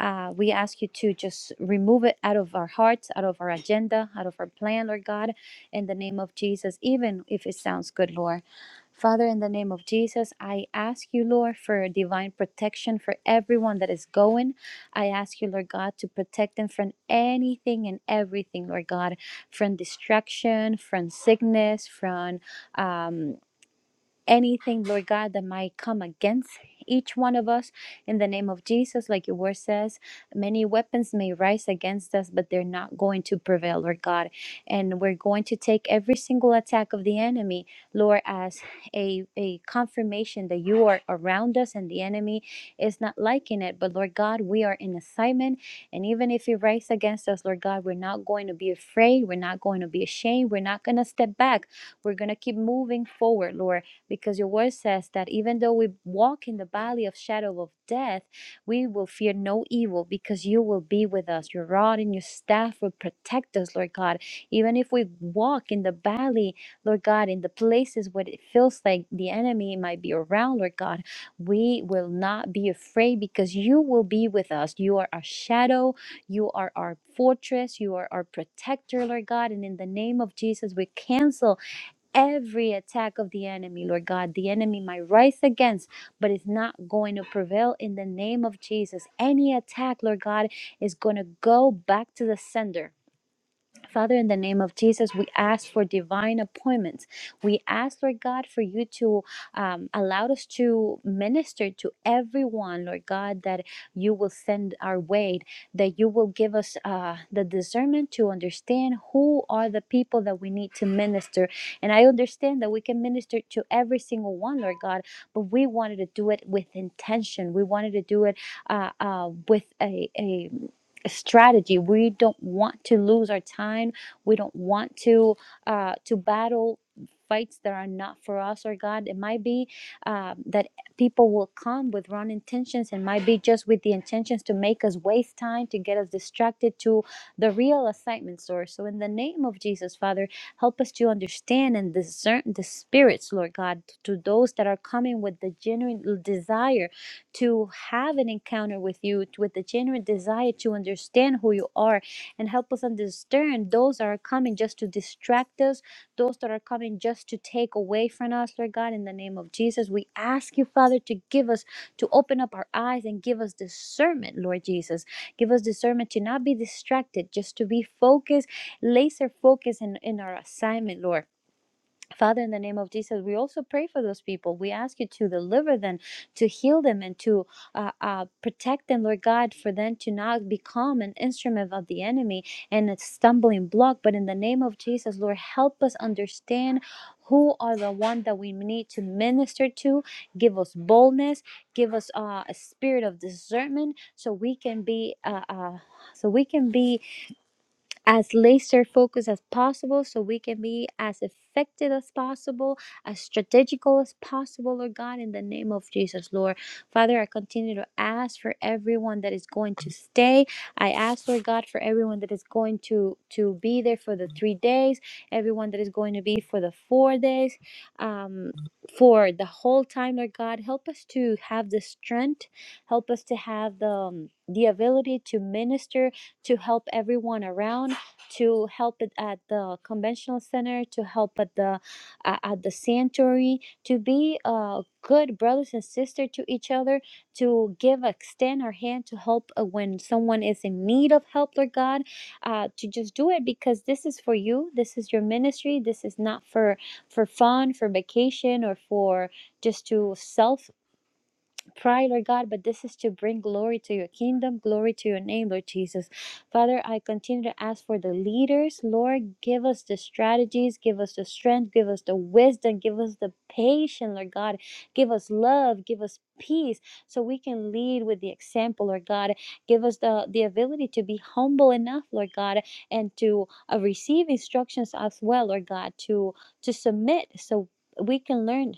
Uh, we ask you to just remove it out of our hearts, out of our agenda, out of our plan, Lord God, in the name of Jesus, even if it sounds good, Lord. Father, in the name of Jesus, I ask you, Lord, for divine protection for everyone that is going. I ask you, Lord God, to protect them from anything and everything, Lord God, from distraction, from sickness, from um, anything, Lord God, that might come against each one of us in the name of Jesus, like your word says, many weapons may rise against us, but they're not going to prevail, Lord God. And we're going to take every single attack of the enemy, Lord, as a, a confirmation that you are around us and the enemy is not liking it. But Lord God, we are in assignment. And even if it rises against us, Lord God, we're not going to be afraid. We're not going to be ashamed. We're not going to step back. We're going to keep moving forward, Lord because your word says that even though we walk in the valley of shadow of death, we will fear no evil because you will be with us. Your rod and your staff will protect us, Lord God. Even if we walk in the valley, Lord God, in the places where it feels like the enemy might be around, Lord God, we will not be afraid because you will be with us. You are our shadow, you are our fortress, you are our protector, Lord God. And in the name of Jesus, we cancel every attack of the enemy, Lord God. The enemy might rise against, but it's not going to prevail in the name of Jesus. Any attack, Lord God, is going to go back to the sender Father, in the name of Jesus, we ask for divine appointments. We ask, Lord God, for you to um, allow us to minister to everyone, Lord God, that you will send our way, that you will give us uh, the discernment to understand who are the people that we need to minister. And I understand that we can minister to every single one, Lord God, but we wanted to do it with intention. We wanted to do it uh, uh, with a, a strategy we don't want to lose our time we don't want to uh to battle fights that are not for us or god it might be uh, that people will come with wrong intentions and might be just with the intentions to make us waste time to get us distracted to the real assignment source so in the name of jesus father help us to understand and discern the spirits lord god to those that are coming with the genuine desire to have an encounter with you, with the genuine desire to understand who you are and help us understand those that are coming just to distract us, those that are coming just to take away from us, Lord God, in the name of Jesus. We ask you, Father, to give us, to open up our eyes and give us discernment, Lord Jesus. Give us discernment to not be distracted, just to be focused, laser focused in, in our assignment, Lord Father, in the name of Jesus, we also pray for those people. We ask you to deliver them, to heal them, and to uh, uh, protect them, Lord God, for them to not become an instrument of the enemy and a stumbling block. But in the name of Jesus, Lord, help us understand who are the one that we need to minister to. Give us boldness. Give us uh, a spirit of discernment, so we can be. Uh, uh, so we can be as laser focused as possible so we can be as effective as possible, as strategical as possible, Lord God, in the name of Jesus, Lord. Father, I continue to ask for everyone that is going to stay. I ask, Lord God, for everyone that is going to, to be there for the three days, everyone that is going to be for the four days, um, for the whole time, Lord God. Help us to have the strength, help us to have the, um, the ability to minister to help everyone around to help it at the conventional center, to help at the uh, at the sanctuary, to be uh, good brothers and sisters to each other, to give extend our hand to help uh, when someone is in need of help, Lord God, uh, to just do it because this is for you. This is your ministry. This is not for for fun, for vacation, or for just to self Pray, Lord God, but this is to bring glory to your kingdom, glory to your name, Lord Jesus. Father, I continue to ask for the leaders. Lord, give us the strategies, give us the strength, give us the wisdom, give us the patience, Lord God. Give us love, give us peace, so we can lead with the example, Lord God. Give us the, the ability to be humble enough, Lord God, and to uh, receive instructions as well, Lord God, to, to submit so we can learn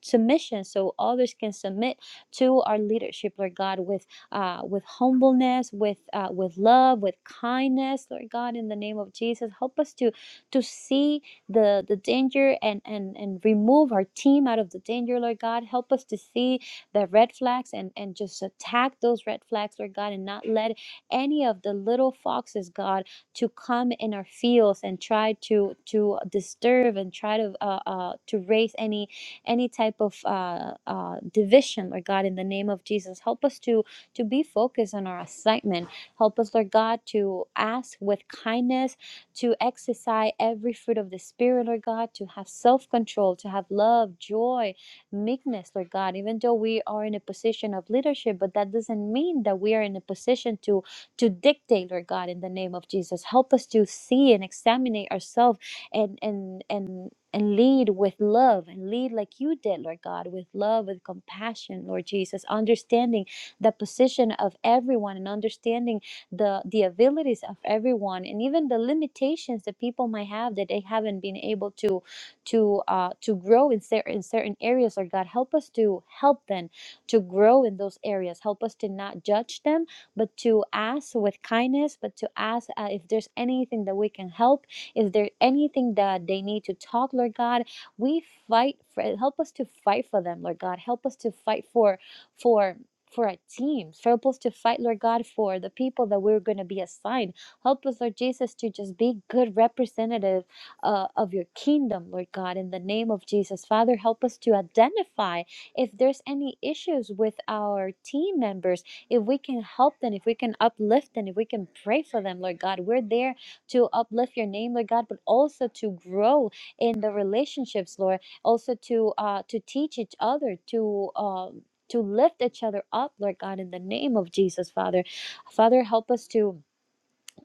submission so others can submit to our leadership lord god with uh with humbleness with uh with love with kindness lord god in the name of jesus help us to to see the the danger and and and remove our team out of the danger lord god help us to see the red flags and and just attack those red flags lord god and not let any of the little foxes god to come in our fields and try to to disturb and try to uh, uh to raise any any type of uh, uh, division, Lord God, in the name of Jesus. Help us to to be focused on our assignment. Help us, Lord God, to ask with kindness, to exercise every fruit of the Spirit, Lord God, to have self control, to have love, joy, meekness, Lord God. Even though we are in a position of leadership, but that doesn't mean that we are in a position to to dictate, Lord God, in the name of Jesus. Help us to see and examine ourselves and and and and lead with love and lead like you did, Lord God, with love, with compassion, Lord Jesus, understanding the position of everyone and understanding the, the abilities of everyone and even the limitations that people might have that they haven't been able to to uh, to grow in certain in certain areas, Lord God. Help us to help them to grow in those areas. Help us to not judge them, but to ask with kindness, but to ask uh, if there's anything that we can help is there anything that they need to talk, Lord God? We fight for help us to fight for them, Lord God. Help us to fight for for for our teams. Help us to fight, Lord God, for the people that we're going to be assigned. Help us, Lord Jesus, to just be good representative uh, of your kingdom, Lord God, in the name of Jesus. Father, help us to identify if there's any issues with our team members, if we can help them, if we can uplift them, if we can pray for them, Lord God. We're there to uplift your name, Lord God, but also to grow in the relationships, Lord, also to uh, to teach each other, to um, to lift each other up, Lord God, in the name of Jesus, Father. Father, help us to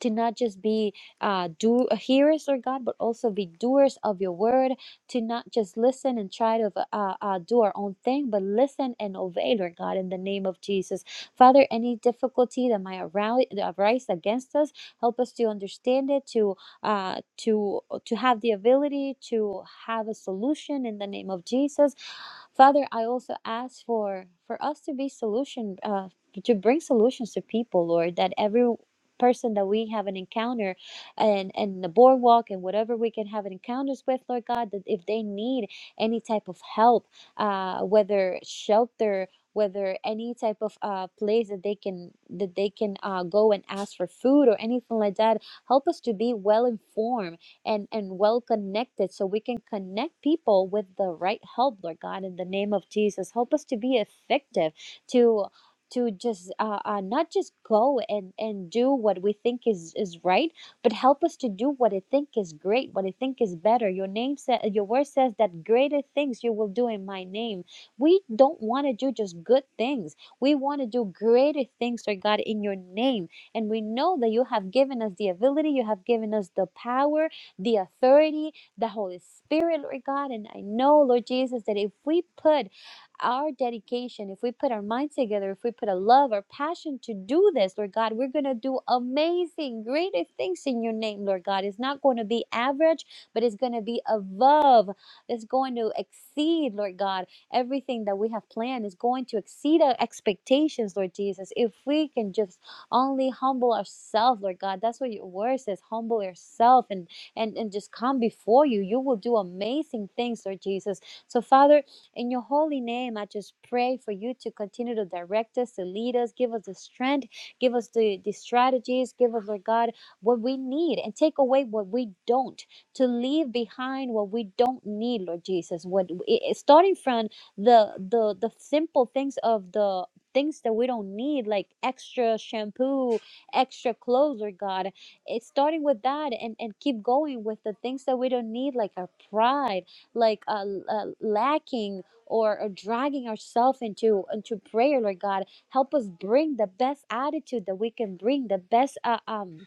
to not just be uh, do uh, hearers, Lord God, but also be doers of your word. To not just listen and try to uh, uh, do our own thing, but listen and obey, Lord God, in the name of Jesus. Father, any difficulty that might arou- arise against us, help us to understand it, to uh, to to have the ability to have a solution in the name of Jesus. Father, I also ask for for us to be solution uh, to bring solutions to people, Lord, that every person that we have an encounter and and the boardwalk and whatever we can have encounters with lord god that if they need any type of help uh whether shelter whether any type of uh, place that they can that they can uh, go and ask for food or anything like that help us to be well informed and and well connected so we can connect people with the right help lord god in the name of jesus help us to be effective to to just uh, uh, not just go and, and do what we think is, is right, but help us to do what I think is great, what I think is better. Your name sa- your word says that greater things you will do in my name. We don't want to do just good things. We want to do greater things, Lord God, in your name. And we know that you have given us the ability, you have given us the power, the authority, the Holy Spirit, Lord God. And I know, Lord Jesus, that if we put our dedication, if we put our minds together, if we put a love or passion to do this, Lord God, we're going to do amazing, greater things in your name, Lord God. It's not going to be average, but it's going to be above. It's going to exceed, Lord God. Everything that we have planned is going to exceed our expectations, Lord Jesus. If we can just only humble ourselves, Lord God, that's what your word says humble yourself and, and, and just come before you. You will do amazing things, Lord Jesus. So, Father, in your holy name, I just pray for you to continue to direct us, to lead us, give us the strength, give us the, the strategies, give us, Lord God, what we need and take away what we don't, to leave behind what we don't need, Lord Jesus. What it, it- starting from the the the simple things of the things that we don't need, like extra shampoo, extra clothes, Lord God. It's starting with that and, and keep going with the things that we don't need, like our pride, like uh, l- uh, lacking or, or dragging ourselves into into prayer lord god help us bring the best attitude that we can bring the best uh, um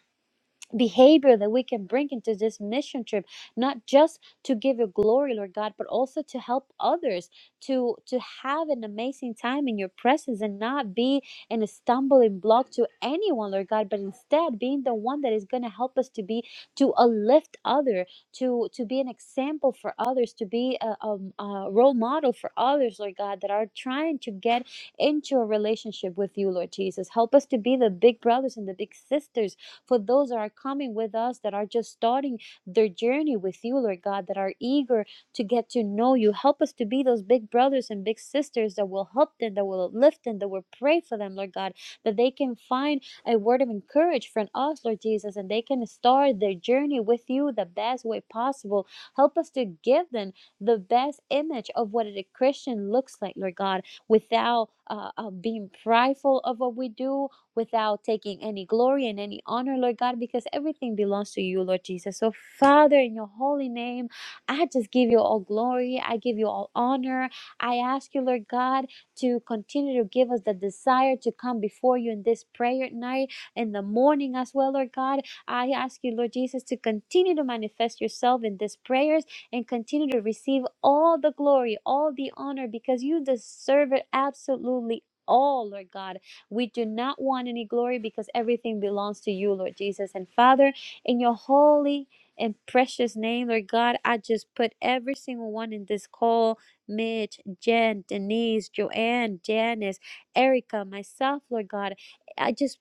behavior that we can bring into this mission trip not just to give you glory lord god but also to help others to to have an amazing time in your presence and not be in a stumbling block to anyone lord god but instead being the one that is going to help us to be to uplift other to to be an example for others to be a, um a role model for others lord god that are trying to get into a relationship with you lord jesus help us to be the big brothers and the big sisters for those that are coming with us that are just starting their journey with you, Lord God, that are eager to get to know you. Help us to be those big brothers and big sisters that will help them, that will uplift them, that will pray for them, Lord God, that they can find a word of encouragement from us, Lord Jesus, and they can start their journey with you the best way possible. Help us to give them the best image of what a Christian looks like, Lord God, without uh, uh, being prideful of what we do without taking any glory and any honor, Lord God, because everything belongs to you, Lord Jesus. So, Father, in your holy name, I just give you all glory. I give you all honor. I ask you, Lord God, to continue to give us the desire to come before you in this prayer at night, in the morning as well, Lord God. I ask you, Lord Jesus, to continue to manifest yourself in these prayers and continue to receive all the glory, all the honor, because you deserve it absolutely all, Lord God. We do not want any glory because everything belongs to you, Lord Jesus. And Father, in your holy and precious name, Lord God, I just put every single one in this call Mitch, Jen, Denise, Joanne, Janice, Erica, myself, Lord God. I just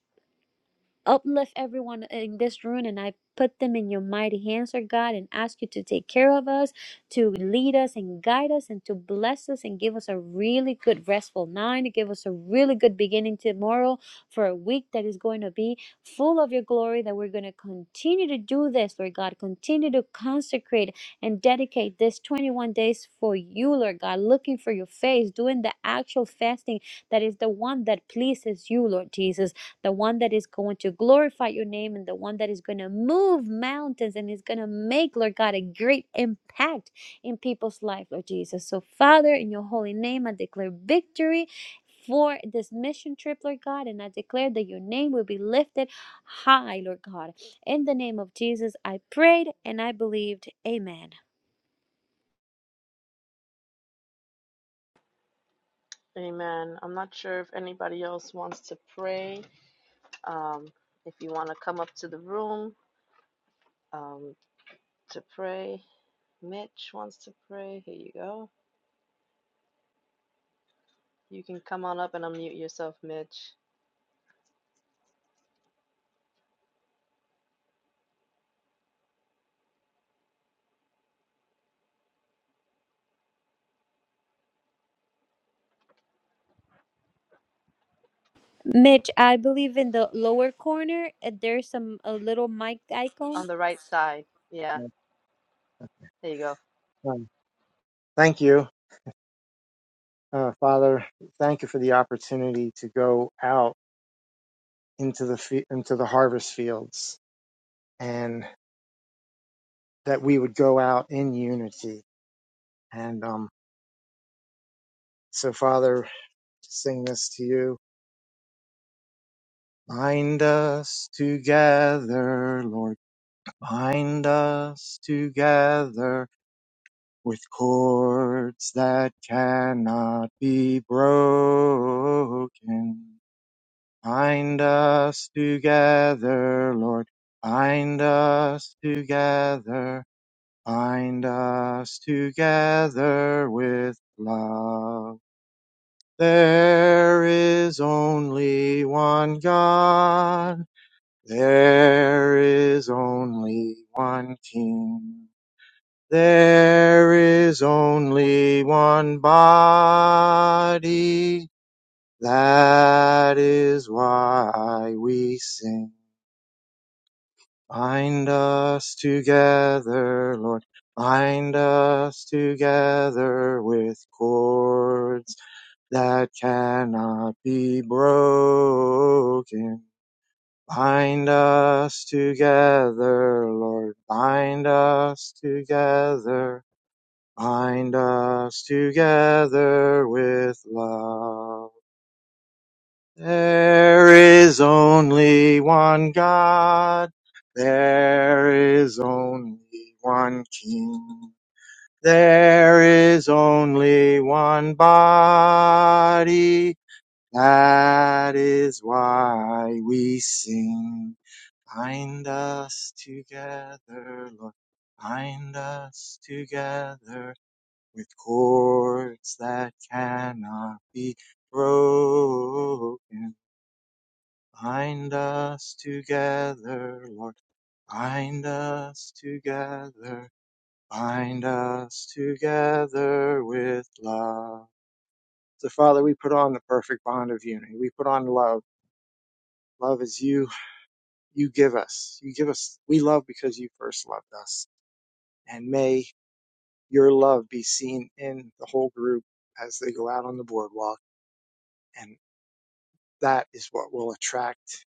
Uplift everyone in this room, and I put them in your mighty hands, Lord God, and ask you to take care of us, to lead us and guide us, and to bless us and give us a really good, restful night, to give us a really good beginning tomorrow for a week that is going to be full of your glory. That we're going to continue to do this, Lord God, continue to consecrate and dedicate this 21 days for you, Lord God, looking for your face, doing the actual fasting that is the one that pleases you, Lord Jesus the one that is going to glorify your name and the one that is going to move mountains and is going to make, Lord God, a great impact in people's life, Lord Jesus. So, Father, in your holy name, I declare victory. For this mission trip, Lord God, and I declare that your name will be lifted high, Lord God. In the name of Jesus, I prayed and I believed. Amen.
Amen. I'm not sure if anybody else wants to pray. Um, if you want to come up to the room um, to pray, Mitch wants to pray. Here you go. You can come on up and unmute yourself, Mitch.
Mitch, I believe in the lower corner, uh, there's some a little mic icon.
On the right side. Yeah,
Yes,
there you go.
um, Thank you, uh, Father. Thank you for the opportunity to go out into the fe- into the harvest fields, and that we would go out in unity. And um, so, Father, sing this to you. Bind us together, Lord. Bind us together with cords that cannot be broken. Bind us together, Lord. Bind us together. Bind us together with love. There is only one God. There is only one King. There is only one body. That is why we sing. Bind us together, Lord. Bind us together with cords that cannot be broken. Bind us together, Lord. Bind us together. Bind us together with love. There is only one God. There is only one King. There is only one body. That is why we sing. Bind us together, Lord. Bind us together with cords that cannot be broken. Bind us together, Lord. Bind us together. Bind us together with love. So, Father, we put on the perfect bond of unity. We put on love. Love is you. You give us. You give us. We love because you first loved us. And may your love be seen in the whole group as they go out on the boardwalk. And that is what will attract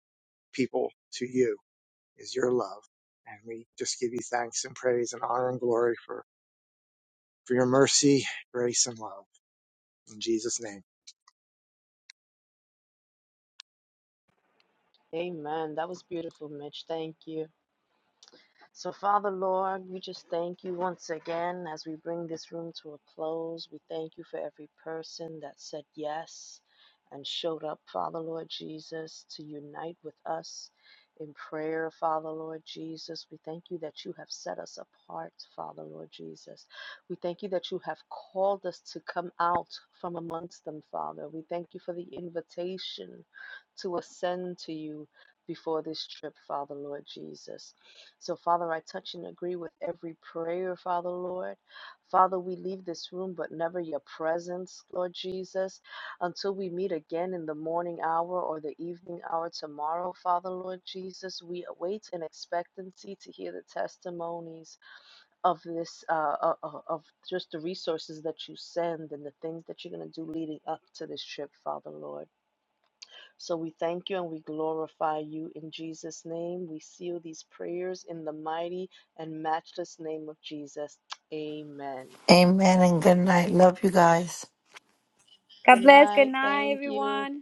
people to you is your love. And we just give you thanks and praise and honor and glory for, for your mercy, grace, and love. In Jesus' name.
Amen. That was beautiful, Mitch. Thank you. So, Father Lord, we just thank you once again as we bring this room to a close. We thank you for every person that said yes and showed up, Father Lord Jesus, to unite with us in prayer, Father Lord Jesus. We thank you that you have set us apart, Father Lord Jesus. We thank you that you have called us to come out from amongst them, Father. We thank you for the invitation to ascend to you before this trip, Father Lord Jesus. So, Father, I touch and agree with every prayer, Father, Lord. Father, we leave this room, but never your presence, Lord Jesus, until we meet again in the morning hour or the evening hour tomorrow, Father, Lord Jesus. We await in expectancy to hear the testimonies of this, uh, uh, uh, of just the resources that you send and the things that you're going to do leading up to this trip, Father, Lord. So we thank you and we glorify you in Jesus' name. We seal these prayers in the mighty and matchless name of Jesus. Amen.
Amen and good night. Love you guys.
Good
God bless. Good
night.
night,
Thank you.
everyone.